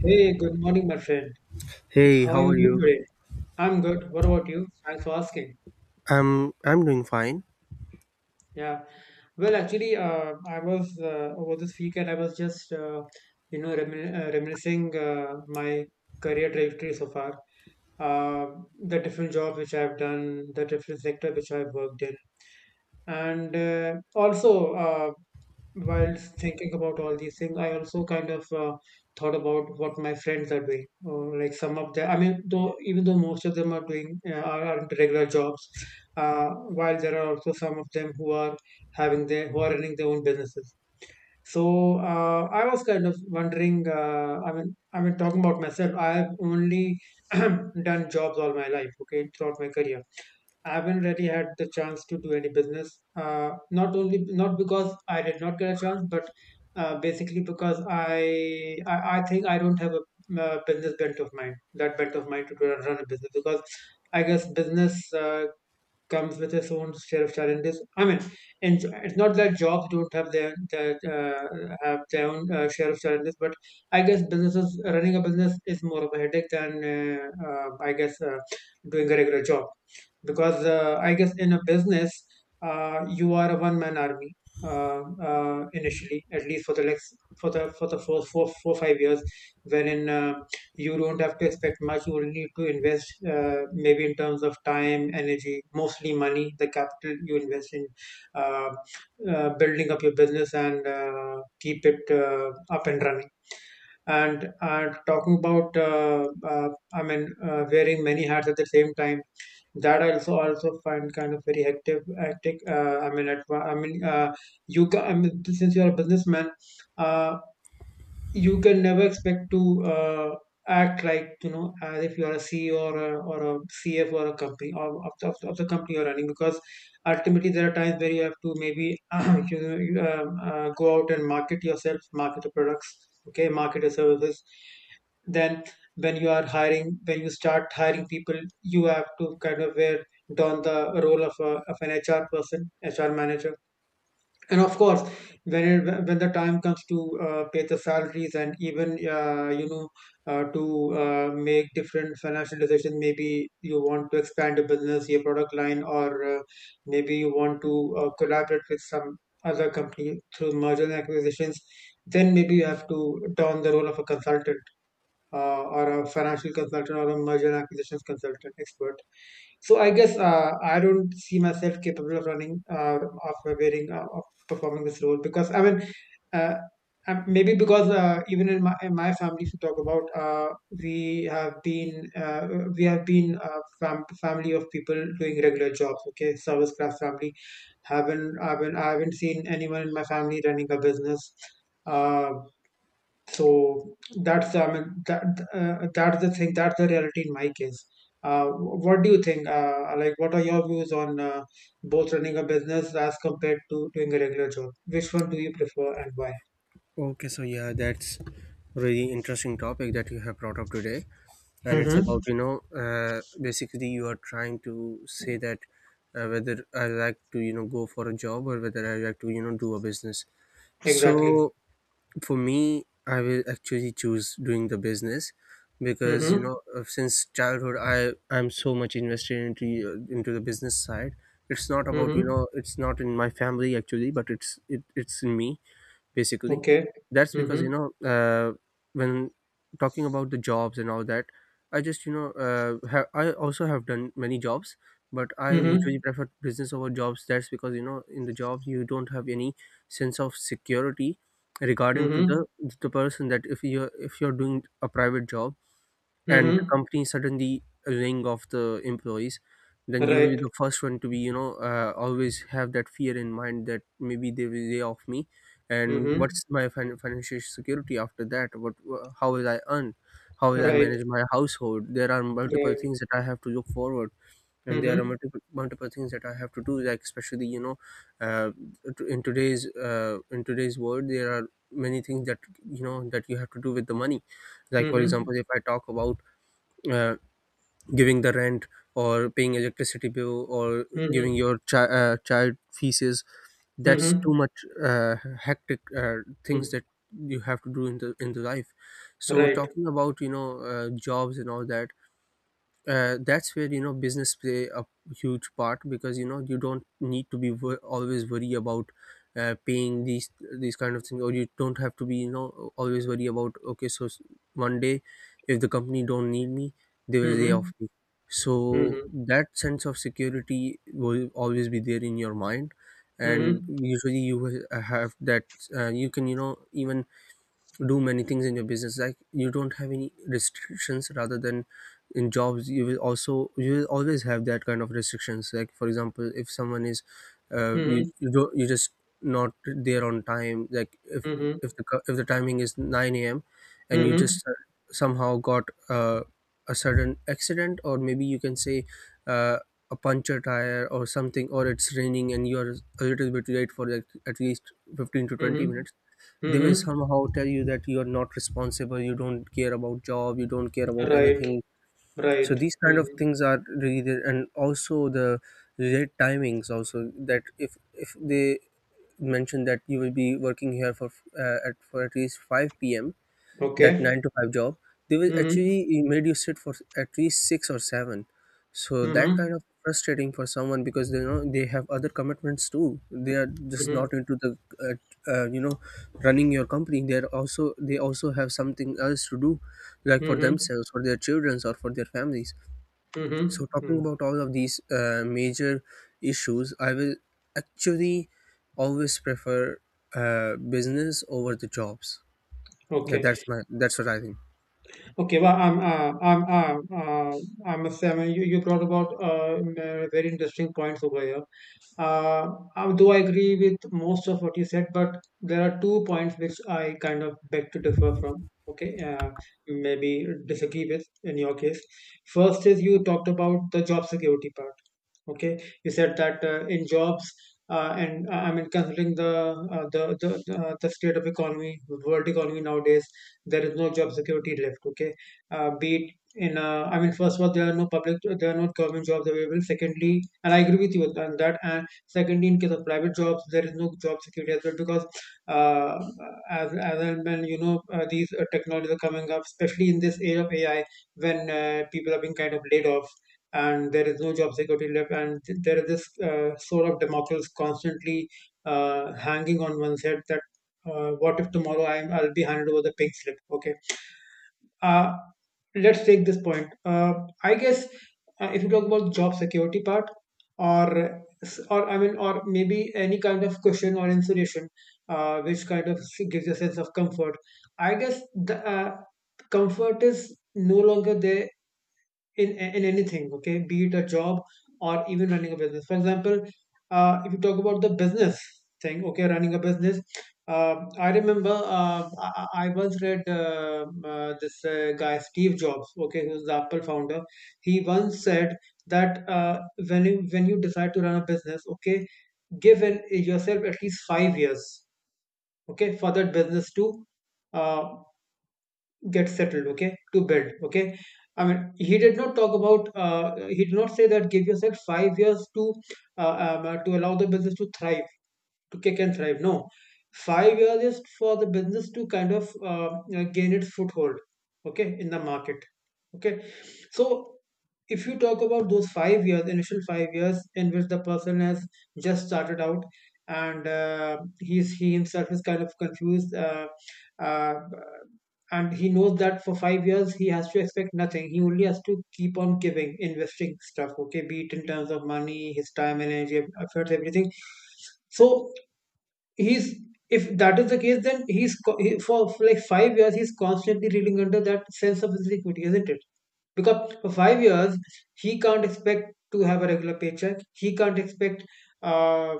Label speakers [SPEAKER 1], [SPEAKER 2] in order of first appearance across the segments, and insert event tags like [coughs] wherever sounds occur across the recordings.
[SPEAKER 1] Hey, good morning, my friend.
[SPEAKER 2] Hey,
[SPEAKER 1] How are
[SPEAKER 2] how
[SPEAKER 1] you
[SPEAKER 2] are
[SPEAKER 1] doing
[SPEAKER 2] you?
[SPEAKER 1] today? I'm good. What about you? Thanks for asking.
[SPEAKER 2] I'm doing fine.
[SPEAKER 1] Yeah. Well, actually, I was over this weekend. I was just reminiscing my career trajectory so far. The different jobs which I've done, the different sector which I've worked in, and also while thinking about all these things I also kind of thought about what my friends are doing. Or like some of them i mean though even though most of them are doing are into regular jobs, uh, while there are also some of them who are having their who are running their own businesses. So I was kind of wondering, I mean, talking about myself, I have only [clears throat] done jobs all my life. Okay, throughout my career, I haven't really had the chance to do any business. Not only not because I did not get a chance, but basically because I think I don't have a, business bent of mind. That bent of mind to run a business, because I guess business comes with its own share of challenges. I mean, and it's not that jobs don't have their own share of challenges, but I guess businesses running a business is more of a headache than doing a regular job, because I guess in a business, you are a one man army, uh, initially, at least for the next for the first four four five years, wherein you don't have to expect much. You will need to invest, maybe in terms of time, energy, mostly money, the capital you invest in uh, building up your business, and keep it up and running. And talking about, wearing many hats at the same time, that I also find kind of very hectic. Uh, I mean at, I mean you ca- I mean, since you're a businessman, uh, you can never expect to act like, you know, as if you are a CEO, or a CF or a company, or of the company you're running. Because ultimately there are times where you have to maybe [clears throat] go out and market yourself, market the products, okay, market your services. Then when when you start hiring people, you have to kind of wear don the role of a, of an HR person, HR manager. And of course, when when the time comes to pay the salaries, and even, you know to make different financial decisions. Maybe you want to expand a business, your product line, or maybe you want to collaborate with some other company through merger and acquisitions. Then maybe you have to don the role of a consultant, or a financial consultant, or a merger and acquisitions consultant expert. So I guess, I don't see myself capable of running of wearing, of performing this role. Because I mean, uh, maybe because even in in my family, if you talk about, we have been uh, we have been a family of people doing regular jobs. Okay, service class family. Haven't I haven't I haven't seen anyone in my family running a business. Uh, so that's I mean that that's the thing, that's the reality in my case. What do you think? Like, what are your views on both running a business as compared to doing a regular job? Which one do you prefer and why?
[SPEAKER 2] Okay, so yeah, that's really interesting topic that you have brought up today, and it's
[SPEAKER 1] Mm-hmm.
[SPEAKER 2] about basically you are trying to say that whether I like to go for a job or whether I like to do a business.
[SPEAKER 1] Exactly.
[SPEAKER 2] So for me I will actually choose doing the business because
[SPEAKER 1] Mm-hmm.
[SPEAKER 2] since childhood i'm so much invested into the business side. It's not about
[SPEAKER 1] Mm-hmm.
[SPEAKER 2] it's not in my family actually, but it's in me basically.
[SPEAKER 1] Okay.
[SPEAKER 2] That's because
[SPEAKER 1] Mm-hmm.
[SPEAKER 2] uh, when talking about the jobs and all that, I just you know ha- I also have done many jobs, but I usually
[SPEAKER 1] Mm-hmm.
[SPEAKER 2] prefer business over jobs. That's because in the jobs you don't have any sense of security regarding to
[SPEAKER 1] Mm-hmm.
[SPEAKER 2] the person that if you, if you're doing a private job and the
[SPEAKER 1] Mm-hmm.
[SPEAKER 2] company suddenly laying off the employees, then you will be
[SPEAKER 1] Right.
[SPEAKER 2] the first one to be always have that fear in mind that maybe they will lay off me. And
[SPEAKER 1] Mm-hmm.
[SPEAKER 2] what's my financial security after that? What how will I earn, how will I
[SPEAKER 1] Right.
[SPEAKER 2] manage my household? There are multiple
[SPEAKER 1] Right.
[SPEAKER 2] things that I have to look forward, and there are
[SPEAKER 1] Mm-hmm.
[SPEAKER 2] multiple things that I have to do, like especially uh, in today's world. There are many things that that you have to do with the money. Like for
[SPEAKER 1] Mm-hmm.
[SPEAKER 2] example, if I talk about, uh, giving the rent or paying electricity bill or giving
[SPEAKER 1] Mm-hmm.
[SPEAKER 2] your child fees. That's
[SPEAKER 1] Mm-hmm.
[SPEAKER 2] too much uh, hectic things
[SPEAKER 1] Mm-hmm.
[SPEAKER 2] that you have to do in the life. So
[SPEAKER 1] Right.
[SPEAKER 2] talking about jobs and all that, that's where business play a huge part, because you don't need to be always worry about paying these kind of things. Or you don't have to be always worry about, okay so one day if the company don't need me, they will lay
[SPEAKER 1] Mm-hmm.
[SPEAKER 2] off me. So
[SPEAKER 1] Mm-hmm.
[SPEAKER 2] that sense of security will always be there in your mind. And
[SPEAKER 1] Mm-hmm.
[SPEAKER 2] usually you will have that, you can even do many things in your business, like you don't have any restrictions. Rather than in jobs you will also, you will always have that kind of restrictions. Like for example, if someone is, you
[SPEAKER 1] Mm-hmm.
[SPEAKER 2] you don't you just not there on time. Like if
[SPEAKER 1] Mm-hmm.
[SPEAKER 2] if if the timing is 9 a.m. and you
[SPEAKER 1] Mhm.
[SPEAKER 2] just somehow got a sudden accident, or maybe you can say uh, a puncture tire or something, or it's raining and you are a little bit late for like at least 15 to 20
[SPEAKER 1] Mhm.
[SPEAKER 2] minutes, they will
[SPEAKER 1] Mhm.
[SPEAKER 2] somehow tell you that you are not responsible, you don't care about job, you don't care about
[SPEAKER 1] Right.
[SPEAKER 2] anything.
[SPEAKER 1] Right.
[SPEAKER 2] So these kind of
[SPEAKER 1] Mhm.
[SPEAKER 2] things are really there. And also the late timings also, that if they mention that you will be working here for at for at least 5 p.m., that
[SPEAKER 1] Okay.
[SPEAKER 2] nine to five job, they will
[SPEAKER 1] Mhm.
[SPEAKER 2] actually made you sit for at least six or seven. So that
[SPEAKER 1] Mhm.
[SPEAKER 2] kind of frustrating for someone, because they know they have other commitments too. They are just
[SPEAKER 1] Mhm.
[SPEAKER 2] not into the uh, you know running your company. They are also, they also have something else to do, like for
[SPEAKER 1] Mhm.
[SPEAKER 2] themselves, for their children, or for their families.
[SPEAKER 1] Mhm.
[SPEAKER 2] So talking
[SPEAKER 1] Mm.
[SPEAKER 2] about all of these major issues, I will actually always prefer business over the jobs. Yeah,
[SPEAKER 1] Okay.
[SPEAKER 2] that's my that's what I think.
[SPEAKER 1] Okay. Well, I must say, I mean, you brought about very interesting points over here. Uh, though I agree with most of what you said, but there are two points which I kind of beg to differ from. Okay, maybe disagree with in your case. First is, you talked about the job security part. Okay, you said that, in jobs, and I mean, considering the the state of economy, world economy nowadays, there is no job security left. Okay, be it in, I mean, first of all, there are no public there are no government jobs available. Secondly, and I agree with you on that. And secondly, in case of private jobs, there is no job security as well. Because uh, as and when, you know, these technologies are coming up, especially in this age of AI, when people are being kind of laid off, and there is no job security left. And there is this sword of Damocles constantly hanging on one's head, that what if tomorrow I'll be handed over the pink slip. Okay, uh, let's take this point. I guess, if you talk about job security part, or maybe any kind of cushion or insulation which kind of gives you a sense of comfort, I guess the, comfort is no longer there in anything. Okay, be it a job or even running a business. For example, if you talk about the business thing, okay, running a business, I remember, I once read, this guy Steve Jobs, okay, who's the Apple founder. He once said that, when you decide to run a business, okay, give in, yourself at least 5 years, okay, for that business to uh, get settled, okay, to bed. Okay, I mean, he did not talk about, he did not say that give yourself 5 years to allow the business to thrive, to kick and thrive. No, 5 years is for the business to kind of gain its foothold, okay, in the market. Okay, so if you talk about those 5 years, initial 5 years in which the person has just started out, and he's he himself is kind of confused. Uh, and he knows that for 5 years he has to expect nothing. He only has to keep on giving, investing stuff, okay, be it in terms of money, his time, energy, efforts, everything. So he's, if that is the case, then for like 5 years he's constantly reading under that sense of insecurity, isn't it? Because for 5 years, he can't expect to have a regular paycheck, he can't expect, uh,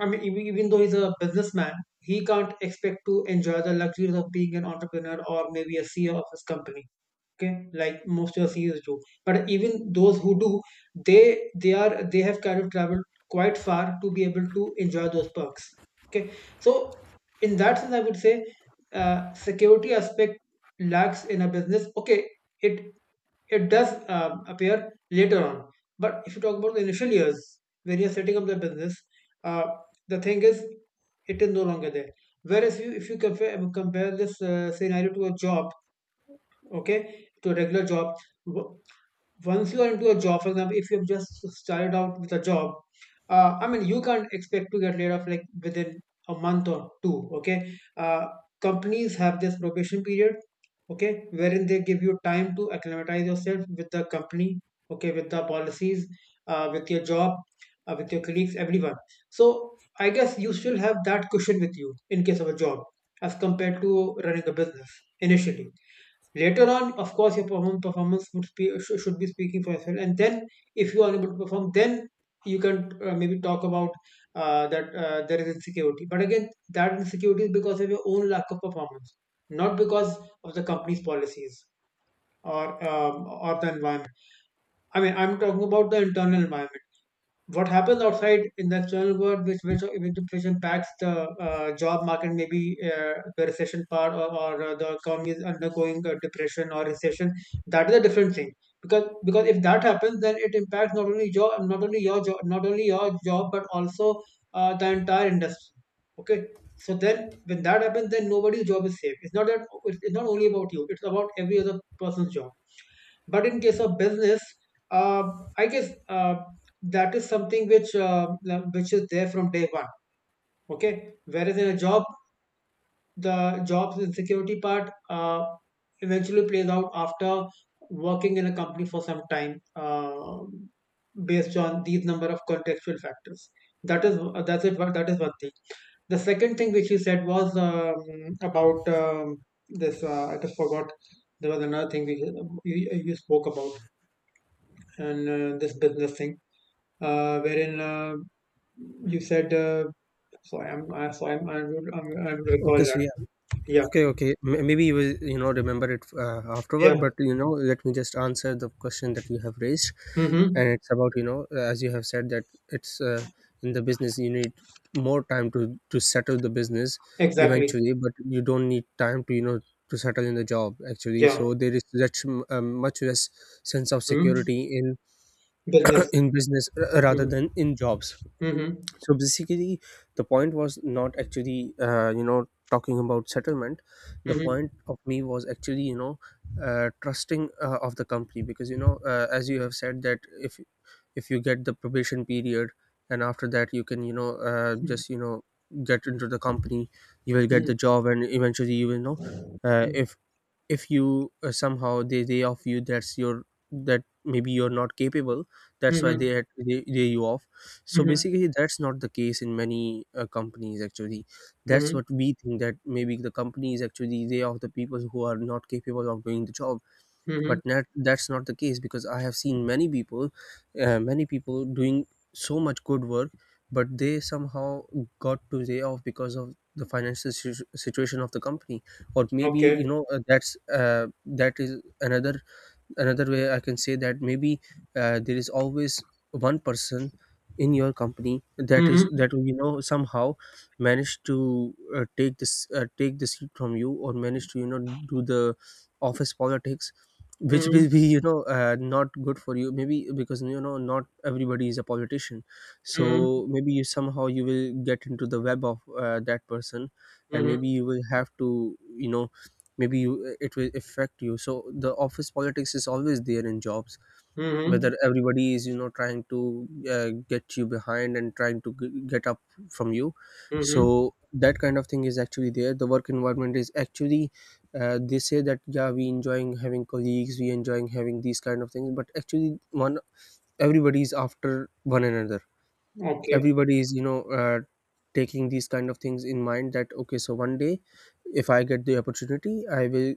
[SPEAKER 1] I mean, even though he's a businessman, he can't expect to enjoy the luxuries of being an entrepreneur, or maybe a CEO of his company. Okay, like most of the seniors do. But even those who do, they have kind of traveled quite far to be able to enjoy those perks. Okay, so in that sense, I would say, security aspect lacks in a business. Okay, it it does appear later on, but if you talk about the initial years when you're setting up the business, uh, the thing is, it is no longer there. Whereas you if you compare this scenario to a job, okay, to a regular job. W- Once you are into a job, for example, if you've just started out with a job, I mean, you can't expect to get laid off like within a month or two. Okay, uh, companies have this probation period, okay, wherein they give you time to acclimatize yourself with the company, okay, with the policies, with your job, with your colleagues, everyone. So I guess you still have that cushion with you in case of a job as compared to running a business initially. Later on, of course, your performance would be, should be speaking for itself. And then, if you are unable to perform, then you can, maybe talk about, that there is insecurity. But again, that insecurity is because of your own lack of performance, not because of the company's policies, or or the environment. I mean, I'm talking about the internal environment. What happens outside in the external world, which impacts the, job market, maybe the recession part, or the economy is undergoing a depression or recession. That is a different thing because if that happens, then it impacts not only job, not only your job, but also the entire industry. Okay. So then, when that happens, then nobody's job is safe. It's not that it's not only about you; it's about every other person's job. But in case of business, uh, I guess that is something which is there from day one. Okay, whereas in a job, the job's insecurity part eventually plays out after working in a company for some time, based on these number of contextual factors. That is that's it. That is one thing. The second thing which you said was about this. I just forgot. There was another thing you spoke about and this business thing, wherein you said. So I'm, I would recall
[SPEAKER 2] Okay, so
[SPEAKER 1] that.
[SPEAKER 2] yeah,
[SPEAKER 1] Yeah,
[SPEAKER 2] okay, okay. Maybe you will, you know, remember it afterward.
[SPEAKER 1] yeah.
[SPEAKER 2] But you know, let me just answer the question that you have raised, and
[SPEAKER 1] Mm-hmm.
[SPEAKER 2] it's about you know, as you have said that it's in the business you need more time to settle the business
[SPEAKER 1] Exactly.
[SPEAKER 2] eventually, but you don't need time to you know to settle in the job actually.
[SPEAKER 1] Yeah.
[SPEAKER 2] So there is such much less sense of
[SPEAKER 1] Mm-hmm.
[SPEAKER 2] security in
[SPEAKER 1] Business.
[SPEAKER 2] [clears throat] in business rather
[SPEAKER 1] Mm-hmm.
[SPEAKER 2] than in jobs.
[SPEAKER 1] Mm-hmm.
[SPEAKER 2] So basically the point was not actually you know talking about settlement. The
[SPEAKER 1] Mm-hmm.
[SPEAKER 2] point of me was actually you know trusting of the company, because as you have said that, if you get the probation period and after that you can you know just you know get into the company, you will get
[SPEAKER 1] Mm-hmm.
[SPEAKER 2] the job, and eventually you will know uh, if if you somehow they off you, that's your, that maybe you're not capable, that's why
[SPEAKER 1] Mm-hmm.
[SPEAKER 2] they they lay you off. So
[SPEAKER 1] Mm-hmm.
[SPEAKER 2] basically that's not the case in many companies actually. That's
[SPEAKER 1] Mm-hmm.
[SPEAKER 2] what we think, that maybe the companies actually they off the people who are not capable of doing the job.
[SPEAKER 1] Mm-hmm.
[SPEAKER 2] But that's not the case, because I have seen many people, many people doing so much good work, but they somehow got to day off because of the situation of the company. Or maybe
[SPEAKER 1] Okay.
[SPEAKER 2] that's that is another, another way I can say, that maybe there is always one person in your company, that is
[SPEAKER 1] Mm-hmm.
[SPEAKER 2] that you know somehow managed to take the seat from you, or managed to you know do the office politics, which
[SPEAKER 1] Mm-hmm.
[SPEAKER 2] will be not good for you, maybe because you know not everybody is a politician.
[SPEAKER 1] Mm-hmm.
[SPEAKER 2] So maybe you somehow you will get into the web of that person, and
[SPEAKER 1] Mm-hmm.
[SPEAKER 2] maybe you will have to you know, maybe you it will affect you. So the office politics is always there in jobs,
[SPEAKER 1] Mm-hmm.
[SPEAKER 2] whether everybody is you know trying to get you behind and trying to get up from you.
[SPEAKER 1] Mm-hmm.
[SPEAKER 2] So that kind of thing is actually there. The work environment is actually they say that yeah we enjoying having colleagues, we enjoying having these kind of things, but actually one, everybody is after one another.
[SPEAKER 1] Okay.
[SPEAKER 2] Everybody is you know taking these kind of things in mind, that okay so one day if I get the opportunity, I will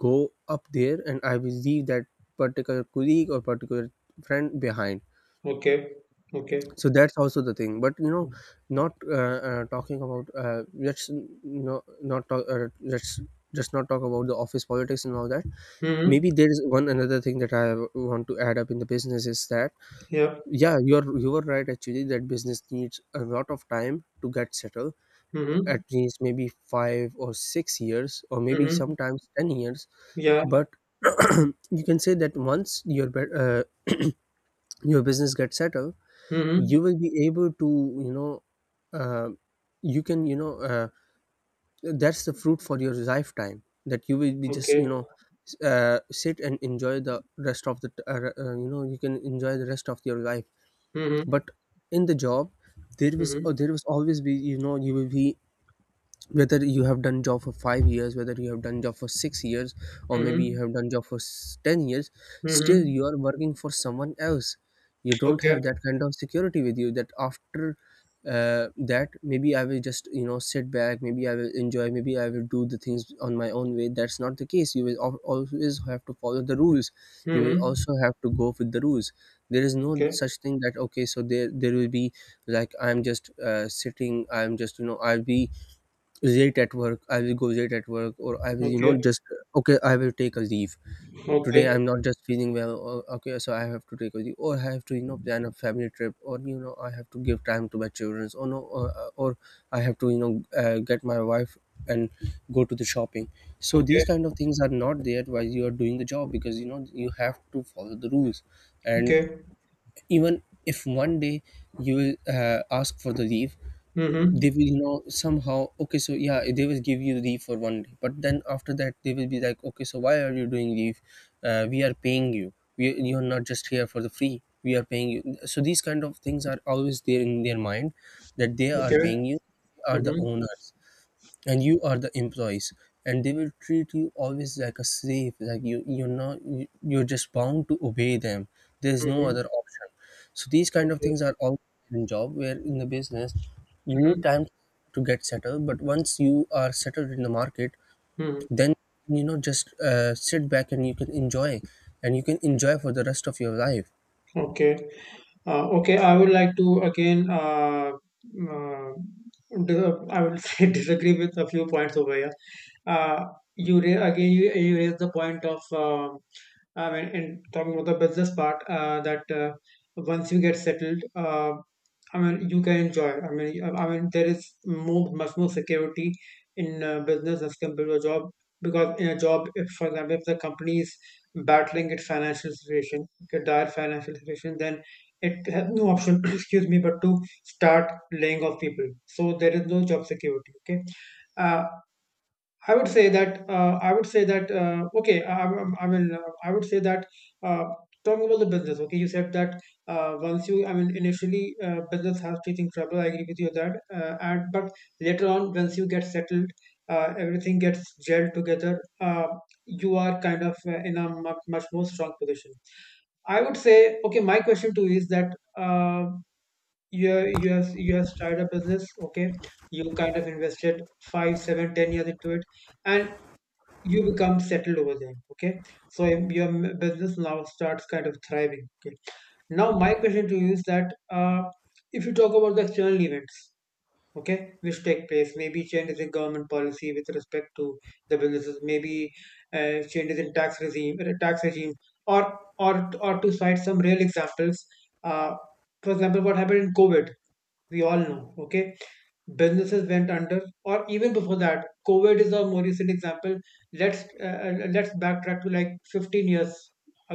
[SPEAKER 2] go up there and I will leave that particular colleague or particular friend behind.
[SPEAKER 1] Okay. Okay.
[SPEAKER 2] So that's also the thing. But you know, not talking about, let's you know not talk let's just not talk about the office politics and all that.
[SPEAKER 1] Mm-hmm.
[SPEAKER 2] Maybe there is one another thing that I want to add up in the business is that,
[SPEAKER 1] Yeah.
[SPEAKER 2] yeah, you were right actually, that business needs a lot of time to get settled,
[SPEAKER 1] Mm-hmm.
[SPEAKER 2] at least maybe 5 or 6 years or maybe
[SPEAKER 1] Mm-hmm.
[SPEAKER 2] sometimes 10 years.
[SPEAKER 1] Yeah.
[SPEAKER 2] But [clears throat] you can say that once your your business gets settled,
[SPEAKER 1] Mm-hmm.
[SPEAKER 2] you will be able to you know uh, you can you know that's the fruit for your lifetime, that you will be just
[SPEAKER 1] Okay.
[SPEAKER 2] you know sit and enjoy the rest of the t- you know you can enjoy the rest of your life.
[SPEAKER 1] Mm-hmm.
[SPEAKER 2] But in the job,
[SPEAKER 1] Mhm.
[SPEAKER 2] there was always be you know you will be, whether you have done job for 5 years, whether you have done job for 6 years, or maybe
[SPEAKER 1] Mhm.
[SPEAKER 2] you have done job for 10 years, still
[SPEAKER 1] Mhm.
[SPEAKER 2] you are working for someone else. You don't
[SPEAKER 1] Okay.
[SPEAKER 2] have that kind of security with you, that after uh, that maybe I will just you know sit back, maybe I will enjoy, maybe I will do the things on my own way. That's not the case. You will always have to follow the rules, you will
[SPEAKER 1] Mhm.
[SPEAKER 2] also have to go with the rules. There is no
[SPEAKER 1] Okay.
[SPEAKER 2] such thing that okay so there will be like I'm just sitting, I'm just you know I'll be late at work, I will go late at work, or I will you
[SPEAKER 1] Okay.
[SPEAKER 2] know just, okay I will take a leave, today
[SPEAKER 1] Okay.
[SPEAKER 2] I'm not just feeling well, or, okay so I have to take a leave, or I have to you know plan a family trip, or you know I have to give time to my children, or no, or I have to you know get my wife and go to the shopping. So these
[SPEAKER 1] Okay.
[SPEAKER 2] kind of things are not there while you are doing the job, because you know you have to follow the rules. And
[SPEAKER 1] Okay.
[SPEAKER 2] even if one day you will ask for the leave,
[SPEAKER 1] Mhm.
[SPEAKER 2] they will know somehow, okay so yeah they will give you leave for one day, but then after that they will be like, okay so why are you doing leave, we are paying you, you're not just here for the free, we are paying you. So these kind of things are always there in their mind, that they are
[SPEAKER 1] Okay.
[SPEAKER 2] paying you, are the
[SPEAKER 1] Mhm.
[SPEAKER 2] owners and you are the employees, and they will treat you always like a slave, like you you're not you, you're just bound to obey them. There's no
[SPEAKER 1] Mhm.
[SPEAKER 2] other option. So these kind of
[SPEAKER 1] Okay.
[SPEAKER 2] things are all in job. Where in the business, you
[SPEAKER 1] Mhm.
[SPEAKER 2] need time to get settled, but once you are settled in the market,
[SPEAKER 1] Mhm.
[SPEAKER 2] then just sit back and you can enjoy, and you can enjoy for the rest of your life.
[SPEAKER 1] Okay. Okay. I would like to again. Uh, I would [laughs] say disagree with a few points over here. Uh, Again, you raised the point of. I mean, in talking about the business part, that once you get settled, I mean, you can enjoy. I mean, I mean, there is much more security in business as compared to a job, because in a job, if for example, if the company is battling its financial situation, its dire financial situation, then it has no option, [coughs] [clears throat] excuse me, but to start laying off people. So there is no job security. Okay, uh, I would say that I would say that okay. I would say that uh, talking about the business. Okay, you said that once you, I mean, initially business has facing trouble. I agree with you on that. And But later on, once you get settled, everything gets gelled together. You are kind of in a much more strong position, I would say. Okay. My question to you is that. You have started a business. Okay, you kind of invested 5, 7, 10 years into it and you become settled over there. Okay, so if your business now starts kind of thriving. Okay, now my question to you is that, if you talk about the external events, okay, which take place, maybe changes in government policy with respect to the businesses, maybe changes in tax regime, or to cite some real examples, uh, for example, what happened in covid, we all know. Okay, businesses went under. Or even before that, covid is a more recent example. Let's backtrack to like 15 years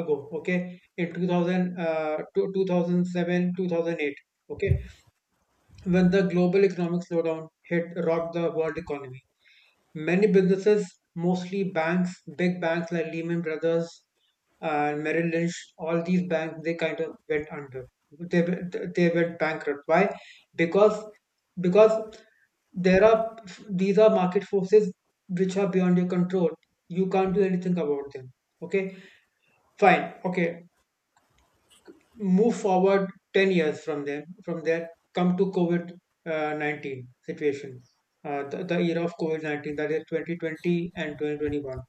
[SPEAKER 1] ago. Okay, in 2000 to 2007 2008, okay, when the global economic slowdown hit rocked the world economy. Many businesses, mostly banks, big banks like Lehman Brothers and Merrill Lynch, all these banks, they kind of went under. They, they went bankrupt. Why? Because because there are these are market forces which are beyond your control. You can't do anything about them. Okay, fine. Okay, move forward 10 years from them. From there, come to COVID 19 situation. The era of COVID 19, that is 2020 and 2021.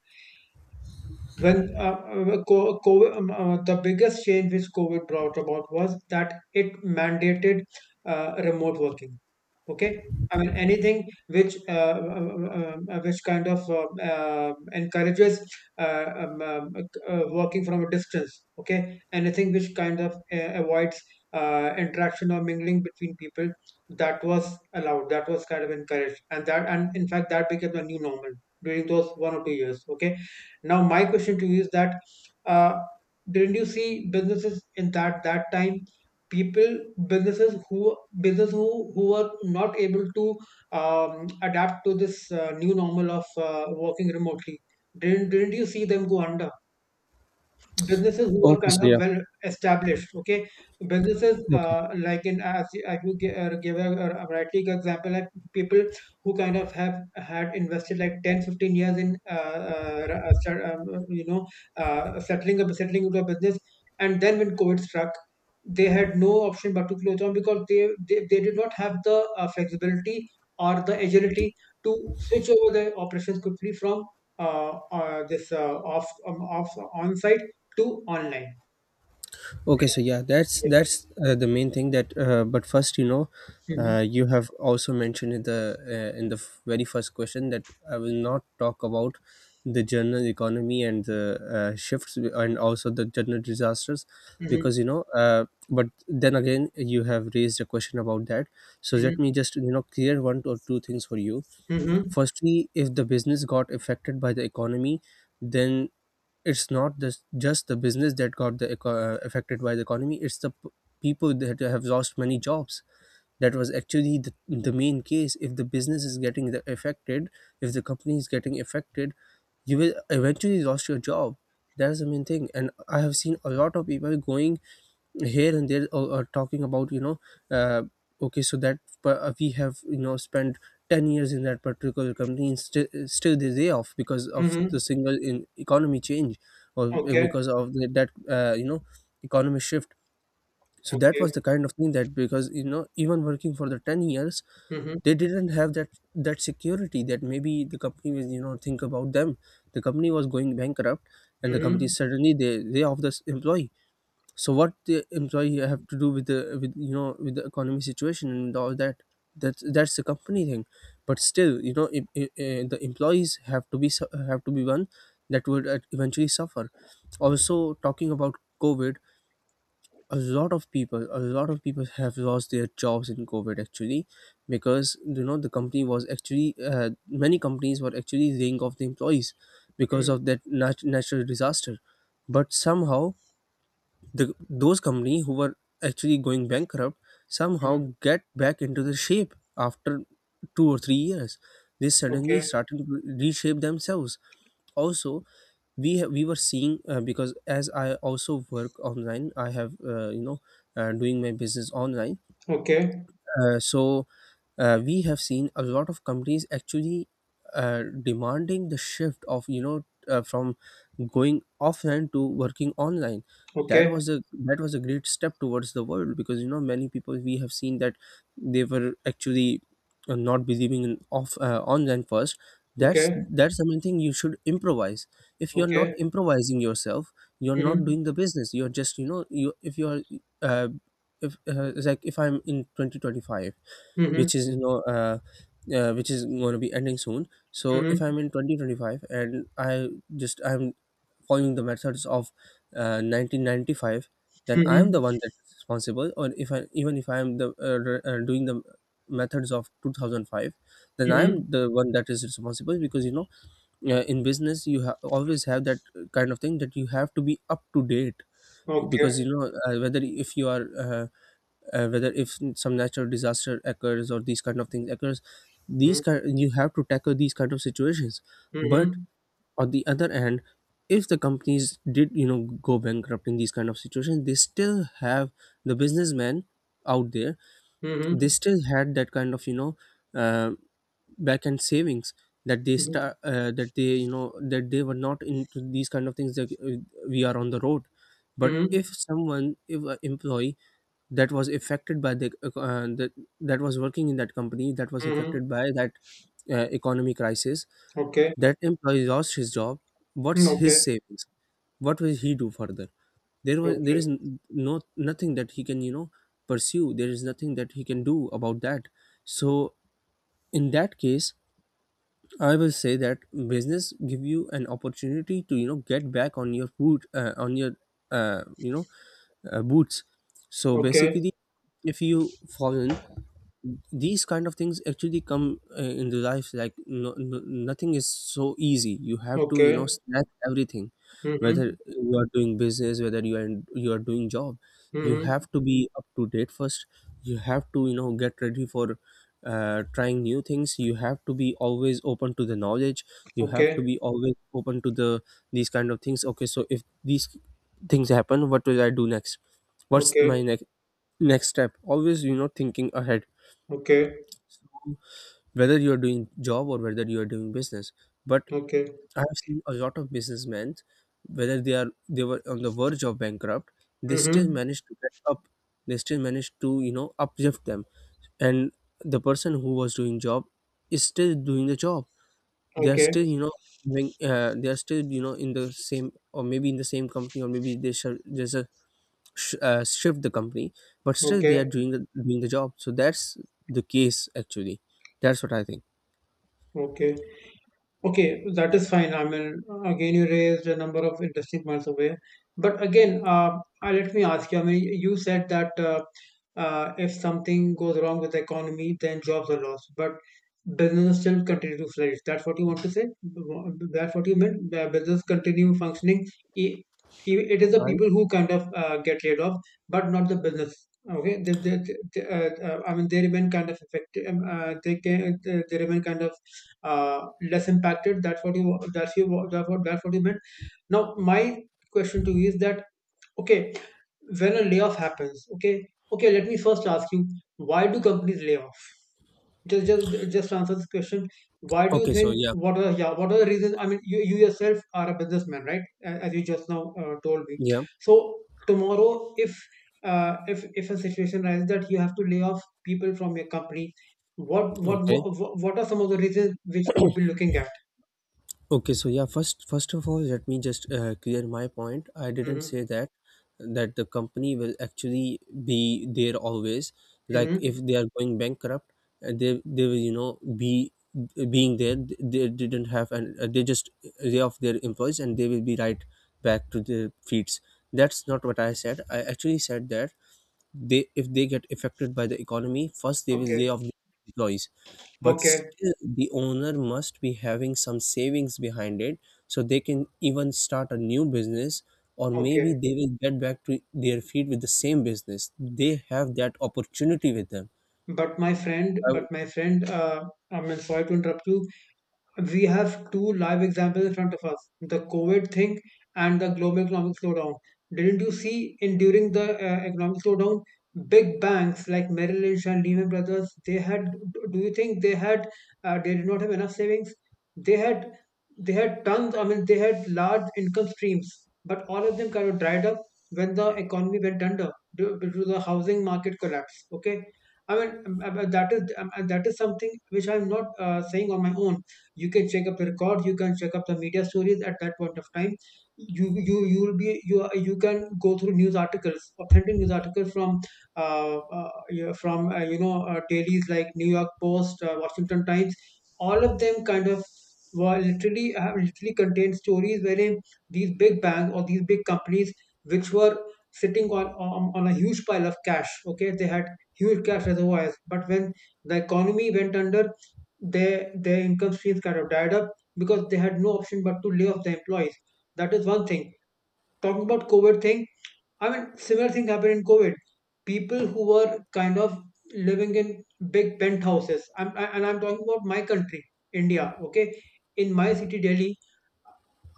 [SPEAKER 1] Well, COVID, the biggest change which COVID brought about was that it mandated remote working. Okay, I mean anything which kind of encourages, uh, um, um, working from a distance. Okay, anything which kind of avoids interaction or mingling between people, that was allowed, that was kind of encouraged, and that and in fact that became the new normal during those 1 or 2 years. Okay, now my question to you is that, uh, didn't you see businesses in that time? People, businesses who business who were not able to adapt to this new normal of working remotely. Didn't you see them go under? Businesses who are
[SPEAKER 2] Okay,
[SPEAKER 1] kind
[SPEAKER 2] so
[SPEAKER 1] of
[SPEAKER 2] yeah,
[SPEAKER 1] well established. Okay, businesses,
[SPEAKER 2] okay.
[SPEAKER 1] like in as you gi- give a rightly good example, like people who kind of have had invested like 10, 15 years in, start, you know settling into a business, and then when covid struck, they had no option but to close down because they did not have the flexibility or the agility to switch over their operations quickly from this off off on site to online.
[SPEAKER 2] Okay, so yeah, that's the main thing that, but first,
[SPEAKER 1] Mhm,
[SPEAKER 2] you have also mentioned in the very first question that I will not talk about the general economy and the shifts, and also the general disasters,
[SPEAKER 1] mhm,
[SPEAKER 2] because but then again you have raised a question about that. So
[SPEAKER 1] mhm,
[SPEAKER 2] let me just clear one or two things for you.
[SPEAKER 1] mhm,
[SPEAKER 2] Firstly, if the business got affected by the economy, then it's not just the business that got the affected by the economy, it's people that have lost many jobs. That was actually the main case. If the business is getting the affected, if the company is getting affected, you will eventually lost your job. That's the main thing. And I have seen a lot of people going here and there, talking about uh, okay, so we have spent 10 years in that particular company, and still they lay off because of the
[SPEAKER 1] mhm.
[SPEAKER 2] single in economy change, or
[SPEAKER 1] Okay,
[SPEAKER 2] because of that economy shift. So that
[SPEAKER 1] okay.
[SPEAKER 2] was the kind of thing that, because even working for the 10 years,
[SPEAKER 1] Mhm,
[SPEAKER 2] they didn't have that security, that maybe the company was think about them. The company was going bankrupt, and the company
[SPEAKER 1] mhm,
[SPEAKER 2] suddenly they lay off this employee. So what the employee have to do with the with you know with the economy situation and all that? That's the company thing, but still, if, if the employees have to have to be one that would eventually suffer. Also talking about COVID, a lot of people have lost their jobs in COVID actually, because the company was actually many companies were actually laying off the employees because
[SPEAKER 1] mhm,
[SPEAKER 2] of that natural disaster. But somehow, the those company who were actually going bankrupt
[SPEAKER 1] mhm.
[SPEAKER 2] somehow get back into the shape after 2 or 3 years. They suddenly
[SPEAKER 1] Okay,
[SPEAKER 2] started to reshape themselves. Also, we were seeing, because as I also work online, I have, doing my business online.
[SPEAKER 1] okay,
[SPEAKER 2] So we have seen a lot of companies actually demanding the shift of, from going offline to working online. that
[SPEAKER 1] okay,
[SPEAKER 2] was a that was a great step towards the world, because many people, we have seen that they were actually not believing in off online first. that's
[SPEAKER 1] okay,
[SPEAKER 2] that's the main thing, you should improvise. If you're not
[SPEAKER 1] okay.
[SPEAKER 2] improvising yourself, you're not
[SPEAKER 1] Mhm,
[SPEAKER 2] doing the business, you're just you know you if you're uh, if it's like, if I'm in 2025,
[SPEAKER 1] mhm,
[SPEAKER 2] which is which is going to be ending soon. So if
[SPEAKER 1] mhm,
[SPEAKER 2] I'm in 2025 and I just I'm following the methods of 1995, then I'm
[SPEAKER 1] mhm,
[SPEAKER 2] the one that's responsible. Or if I, even if doing the methods of 2005, then
[SPEAKER 1] mhm.
[SPEAKER 2] I'm the one that is responsible, because in business you always have that kind of thing, that you have to be up to date.
[SPEAKER 1] Okay.
[SPEAKER 2] Because whether if you are whether if some natural disaster occurs or these kind of things occurs, these
[SPEAKER 1] Mhm,
[SPEAKER 2] kind you have to tackle these kind of situations. But
[SPEAKER 1] mhm,
[SPEAKER 2] on the other hand, if the companies did go bankrupt in these kind of situations, they still have the businessmen out there. They
[SPEAKER 1] mhm,
[SPEAKER 2] still had that kind of uh, back end savings, that they
[SPEAKER 1] mhm,
[SPEAKER 2] start that they that they were not into these kind of things, that we are on the road. But if
[SPEAKER 1] mhm,
[SPEAKER 2] someone, if an employee that was affected by the that that was working in that company, that was
[SPEAKER 1] mhm.
[SPEAKER 2] affected by that economy crisis,
[SPEAKER 1] Okay,
[SPEAKER 2] that employee lost his job.
[SPEAKER 1] mm,
[SPEAKER 2] What's
[SPEAKER 1] okay,
[SPEAKER 2] his savings? What will he do further? There
[SPEAKER 1] okay,
[SPEAKER 2] is no nothing that he can pursue. There is nothing that he can do about that. So in that case, I will say that business give you an opportunity to get back on your foot, on your uh, you know boots. So
[SPEAKER 1] okay,
[SPEAKER 2] basically, if you fallen, these kind of things actually come into life. Like nothing is so easy. You have to
[SPEAKER 1] okay.
[SPEAKER 2] snatch everything,
[SPEAKER 1] Mhm,
[SPEAKER 2] whether you are doing business, whether you are doing job. You have
[SPEAKER 1] mhm.
[SPEAKER 2] to be up to date first. You have to get ready for trying new things. You have to be always open to the knowledge. You have
[SPEAKER 1] Okay,
[SPEAKER 2] to be always open to the these kind of things. Okay, so if these things happen, what will I do next? What's
[SPEAKER 1] okay,
[SPEAKER 2] my next next step? Always thinking ahead.
[SPEAKER 1] okay,
[SPEAKER 2] So whether you are doing job or whether you are doing business, but
[SPEAKER 1] okay.
[SPEAKER 2] I've seen a lot of businessmen, whether they were on the verge of bankrupt, they still
[SPEAKER 1] Mhm,
[SPEAKER 2] managed to get up. They still managed to uplift them. And the person who was doing job is still doing the job. They are
[SPEAKER 1] okay,
[SPEAKER 2] still doing, they are still in the same, or maybe in the same company, or maybe they should just shift the company, but still they are
[SPEAKER 1] okay,
[SPEAKER 2] doing the job. So that's the case actually. That's what I think.
[SPEAKER 1] okay. Okay, that is fine. I mean, again, you raised a number of interesting points away. But again, let me ask you, I mean, you said that if something goes wrong with the economy, then jobs are lost. But business still continue to flourish. That's what you want to say? That's what you meant? The business continue functioning. I- It is
[SPEAKER 2] Oh,
[SPEAKER 1] the
[SPEAKER 2] I'm,
[SPEAKER 1] people who kind of get laid off, but not the business. Okay, I mean, they remain kind of effective. They can, they remain kind of less impacted. That's what you meant. Now my question to you is that, okay, when a layoff happens, okay, okay, let me first ask you, why do companies lay off? Just answer this question. Why do you
[SPEAKER 2] okay, so
[SPEAKER 1] think,
[SPEAKER 2] yeah,
[SPEAKER 1] what are, yeah, what are the reasons? I mean, you yourself are a businessman, right? As you just now told me.
[SPEAKER 2] yeah,
[SPEAKER 1] So tomorrow, if a situation arises that you have to lay off people from your company, what what
[SPEAKER 2] okay.
[SPEAKER 1] what, what are some of the reasons which you would be looking at?
[SPEAKER 2] Okay, so yeah, first first of all, let me just clear my point. I didn't
[SPEAKER 1] Mhm,
[SPEAKER 2] say that the company will actually be there always. Like,
[SPEAKER 1] mhm.
[SPEAKER 2] if they are going bankrupt, they will be being there. They didn't have, and they just lay off their employees and they will be right back to their feet. That's not what I said. I actually said that they, if they get affected by the economy, first they will lay
[SPEAKER 1] Okay,
[SPEAKER 2] off the employees, but
[SPEAKER 1] okay,
[SPEAKER 2] still the owner must be having some savings behind it, so they can even start a new business, or maybe
[SPEAKER 1] okay.
[SPEAKER 2] they will get back to their feet with the same business. They have that opportunity with them. I w-
[SPEAKER 1] But my friend, I mean, sorry to interrupt you, we have two live examples in front of us, the COVID thing and the global economic slowdown. Didn't you see, in during the economic slowdown, big banks like Merrill Lynch and Lehman Brothers, they had, do you think they had, they did not have enough savings? They had, they had tons, I mean, they had large income streams, but all of them kind of dried up when the economy went under due to the housing market collapse. Okay. I mean, that is something which I'm not saying on my own. You can check up the record, you can check up the media stories at that point of time. You will be you you can go through news articles, authentic news articles from, uh, uh, yeah, from dailies like New York Post, Washington Times. All of them kind of were literally have literally contained stories wherein these big banks or these big companies which were sitting on, on a huge pile of cash, okay, they had huge cash reservoirs, but when the economy went under, their income streams kind of dried up, because they had no option but to lay off the employees. That is one thing. Talking about COVID thing, I mean, similar thing happened in COVID. People who were kind of living in big penthouses, and I'm talking about my country, India. Okay, in my city, Delhi,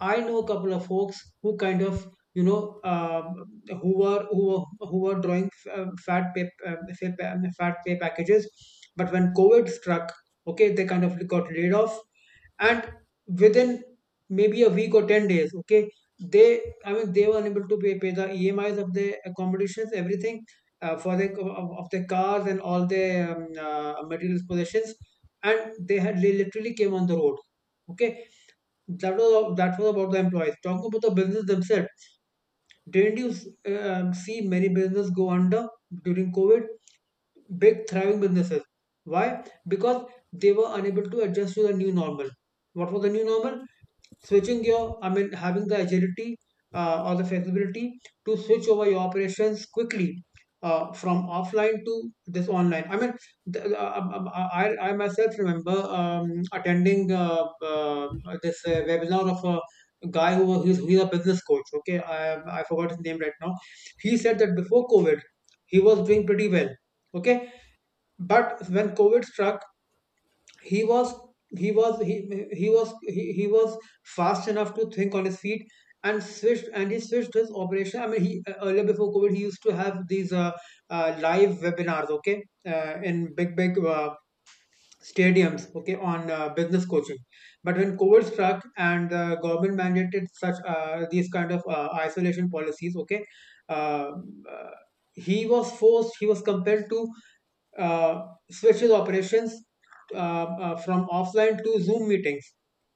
[SPEAKER 1] I know a couple of folks who kind of you know um, who were drawing fat pay packages, but when COVID struck, okay, they kind of got laid off, and within maybe a week or 10 days, okay, they I mean they were unable to pay the EMIs of their accommodations, everything, of their cars and all their materials possessions, and they literally came on the road. Okay, that was about the employees. Talking about the business themselves, didn't you see many businesses go under during COVID? Big thriving businesses. Why? Because they were unable to adjust to the new normal. What was the new normal? Switching your having the agility or the flexibility to switch over your operations quickly from offline to this online. The, uh, um, I myself remember attending this webinar of a guy who was he's a business coach. Okay, I forgot his name right now. He said that before COVID he was doing pretty well. Okay, but when COVID struck, he was he was fast enough to think on his feet, and switched and he switched his operation. He earlier, before COVID, he used to have these live webinars, okay, in big stadiums, okay, on business coaching. But when COVID struck and the government mandated such these kind of isolation policies, okay, uh, uh, he was forced, he was compelled to switches operations from offline to Zoom meetings.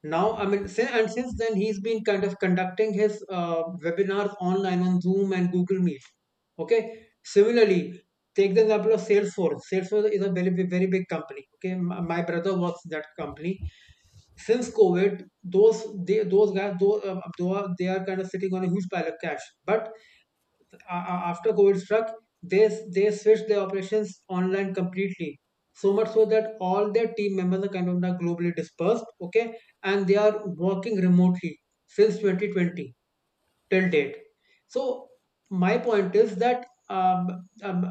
[SPEAKER 1] Now, I mean, sin- and since then, he's been kind of conducting his webinars online on Zoom and Google Meet. Okay. Similarly, take the example of Salesforce. Salesforce is a very, very big company. Okay. My brother works in that company. Since COVID, those guys, they are kind of sitting on a huge pile of cash. But a- after COVID struck, they they switched their operations online completely. So much so that all their team members are kind of now globally dispersed, okay, and they are working remotely since 2020 till date. So my point is that um,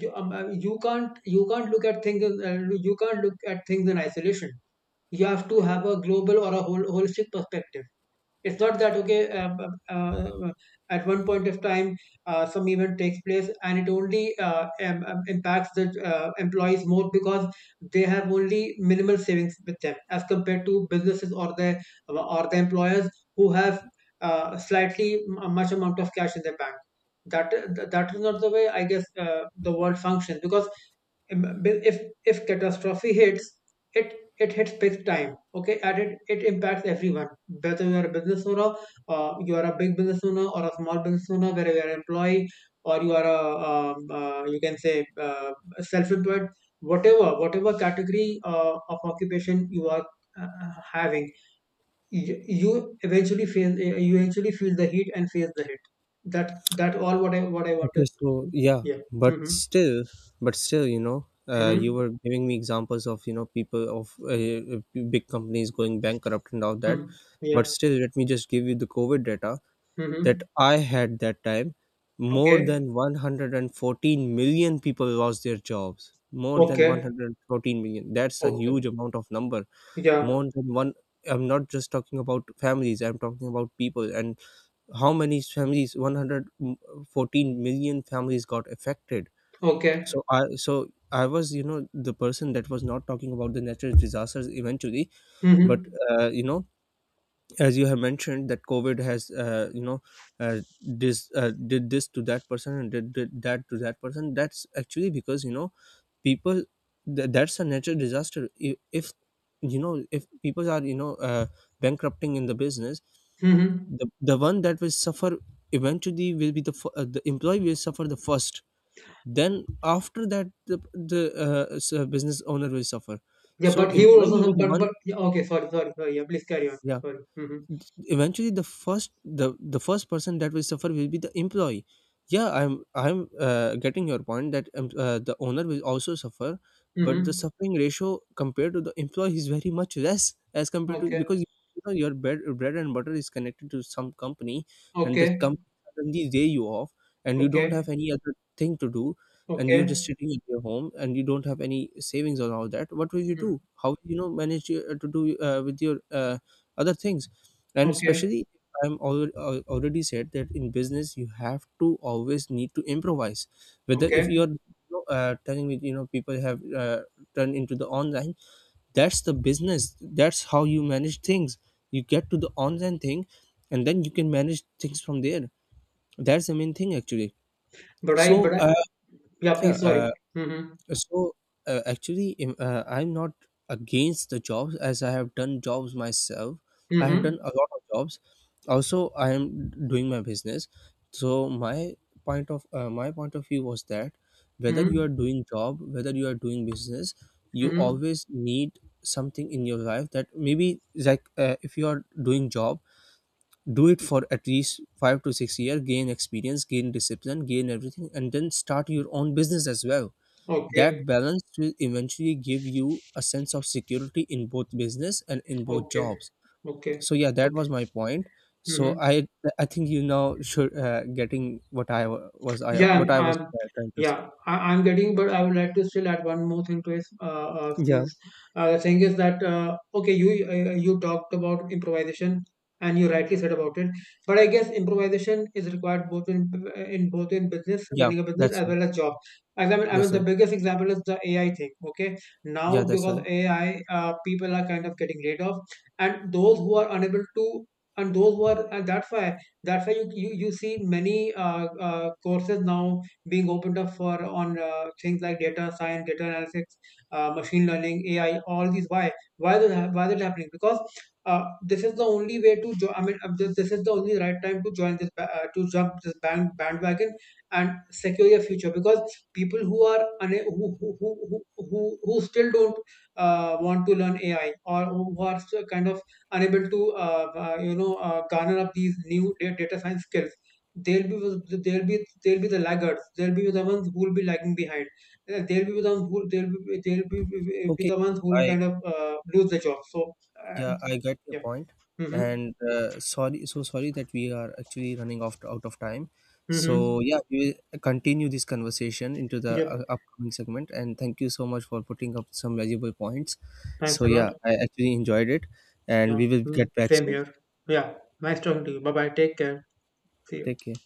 [SPEAKER 1] you, you can't look at things you can't look at things in isolation. You have to have a global or a whole holistic perspective. It's not that, okay. At one point of time, some event takes place, and it only impacts the employees more because they have only minimal savings with them as compared to businesses or the employers who have slightly much amount of cash in their bank. That that is not the way, I guess, the world functions, because im- if if catastrophe hits, it it hits big time. Okay, and it impacts everyone, whether you are a business owner, you are a big business owner or a small business owner, whether you are an employee or you are a you can say uh, self-employed, whatever category of occupation you are having, you, you eventually feel the heat and face the hit. That all what I
[SPEAKER 2] okay,
[SPEAKER 1] wanted.
[SPEAKER 2] so yeah,
[SPEAKER 1] Yeah.
[SPEAKER 2] but
[SPEAKER 1] Mm-hmm.
[SPEAKER 2] still but still you
[SPEAKER 1] Mm-hmm.
[SPEAKER 2] were giving me examples of people of big companies going bankrupt and all that.
[SPEAKER 1] Mm-hmm.
[SPEAKER 2] But
[SPEAKER 1] Yeah.
[SPEAKER 2] still, let me just give you the COVID data that
[SPEAKER 1] Mhm.
[SPEAKER 2] I had that time. More
[SPEAKER 1] Okay.
[SPEAKER 2] than 114 million people lost their jobs. More than
[SPEAKER 1] Okay.
[SPEAKER 2] 114 million. That's a huge
[SPEAKER 1] Okay.
[SPEAKER 2] amount of number.
[SPEAKER 1] Yeah.
[SPEAKER 2] More than one. I'm not just talking about families. I'm talking about people, and how many families. 114 million families got affected.
[SPEAKER 1] Okay.
[SPEAKER 2] So I was the person that was not talking about the natural disasters eventually, but
[SPEAKER 1] Mm-hmm.
[SPEAKER 2] uh, you know as you have mentioned that COVID has this did this to that person and did that to that person, that's actually because people, that's a natural disaster. If if people are bankrupting in the business,
[SPEAKER 1] Mm-hmm.
[SPEAKER 2] the one that will suffer eventually will be the the employee will suffer the first, then after that the business owner will suffer.
[SPEAKER 1] Yeah,
[SPEAKER 2] So
[SPEAKER 1] but he would
[SPEAKER 2] employee will be
[SPEAKER 1] also,
[SPEAKER 2] the one.
[SPEAKER 1] but yeah, okay, sorry, sorry, sorry. Yeah, please carry on.
[SPEAKER 2] Yeah.
[SPEAKER 1] Sorry. Mm-hmm.
[SPEAKER 2] Eventually the first, the first person that will suffer will be the employee. Yeah I'm Getting your point that, the owner will also suffer, but the
[SPEAKER 1] Mm-hmm.
[SPEAKER 2] suffering ratio compared to the employee is very much less, as compared to,
[SPEAKER 1] Okay.
[SPEAKER 2] because your bread and butter is connected to some company, and the
[SPEAKER 1] Okay.
[SPEAKER 2] company suddenly lay you off, and you don't
[SPEAKER 1] Okay.
[SPEAKER 2] have any other thing to do, and you're just
[SPEAKER 1] Okay.
[SPEAKER 2] sitting at your home, and you don't have any savings or all that. What will you do?
[SPEAKER 1] Mm.
[SPEAKER 2] How will manage your, to do with your other things? And
[SPEAKER 1] Okay.
[SPEAKER 2] especially, I'm already, already said that in business you have to always need to improvise. Whether if
[SPEAKER 1] Okay.
[SPEAKER 2] you're telling me, people have turned into the online. That's the business. That's how you manage things. You get to the online thing, and then you can manage things from there. That's the main thing actually.
[SPEAKER 1] But I but
[SPEAKER 2] So
[SPEAKER 1] I, yeah,
[SPEAKER 2] yeah
[SPEAKER 1] please,
[SPEAKER 2] uh,
[SPEAKER 1] sorry. Mm-hmm.
[SPEAKER 2] so actually, I'm not against the jobs, as I have done jobs myself. I have done
[SPEAKER 1] Mm-hmm.
[SPEAKER 2] a lot of jobs. Also, I am doing my business. So my point of view was that whether you
[SPEAKER 1] Mm-hmm.
[SPEAKER 2] are doing job, whether you are doing business, you
[SPEAKER 1] Mm-hmm.
[SPEAKER 2] always need something in your life. That maybe, like, if you are doing job, do it for at least 5 to 6 years. Gain experience, gain discipline, gain everything, and then start your own business as well.
[SPEAKER 1] Okay.
[SPEAKER 2] That balance will eventually give you a sense of security in both business and in both
[SPEAKER 1] Okay.
[SPEAKER 2] jobs.
[SPEAKER 1] Okay.
[SPEAKER 2] So yeah, that
[SPEAKER 1] Okay.
[SPEAKER 2] was my point. So
[SPEAKER 1] Mm-hmm.
[SPEAKER 2] I think you now should getting what I wa- was I
[SPEAKER 1] Yeah,
[SPEAKER 2] what I was
[SPEAKER 1] I'm
[SPEAKER 2] trying to say.
[SPEAKER 1] yeah, I'm getting, but I would like to still add one more thing to it.
[SPEAKER 2] Yeah.
[SPEAKER 1] Since the thing is that, okay, you talked about improvisation, and you rightly said about it, but I guess improvisation is required both in both in business,
[SPEAKER 2] Yeah,
[SPEAKER 1] running a business
[SPEAKER 2] that's
[SPEAKER 1] as
[SPEAKER 2] right.
[SPEAKER 1] well as job. Example, I mean,
[SPEAKER 2] That's
[SPEAKER 1] the
[SPEAKER 2] right.
[SPEAKER 1] biggest example is the AI thing. Okay,
[SPEAKER 2] Yeah,
[SPEAKER 1] now
[SPEAKER 2] that's
[SPEAKER 1] because
[SPEAKER 2] right.
[SPEAKER 1] AI, people are kind of getting laid off, and those who are, and that's why you see many courses now being opened up for on things like data science, data analytics, machine learning, AI, all these. Why why that happening? Because uh, this is the only way to this is the only right time to join this to jump this bandwagon and secure your future, because people who are una- who still don't want to learn AI, or who are still kind of unable to you know, garner up these new data science skills, they'll be they'll be they'll be the laggards, they'll be the ones who will be lagging behind. They'll be the ones who they'll be
[SPEAKER 2] Okay.
[SPEAKER 1] the ones who will
[SPEAKER 2] Bye.
[SPEAKER 1] kind of lose the job. So uh,
[SPEAKER 2] Yeah, I get your
[SPEAKER 1] yeah.
[SPEAKER 2] point.
[SPEAKER 1] Mm-hmm.
[SPEAKER 2] And sorry, so sorry that we are actually running off out of time.
[SPEAKER 1] Mm-hmm.
[SPEAKER 2] So yeah, we will continue this conversation into the
[SPEAKER 1] Yep.
[SPEAKER 2] upcoming segment, and thank you so much for putting up some valuable points.
[SPEAKER 1] Thanks
[SPEAKER 2] So
[SPEAKER 1] a lot.
[SPEAKER 2] yeah, I actually enjoyed it, and
[SPEAKER 1] Yeah.
[SPEAKER 2] we will
[SPEAKER 1] Mm.
[SPEAKER 2] get back
[SPEAKER 1] Same
[SPEAKER 2] soon.
[SPEAKER 1] here. Yeah. Nice talking to you. Bye bye. Take care. See you.
[SPEAKER 2] Take care.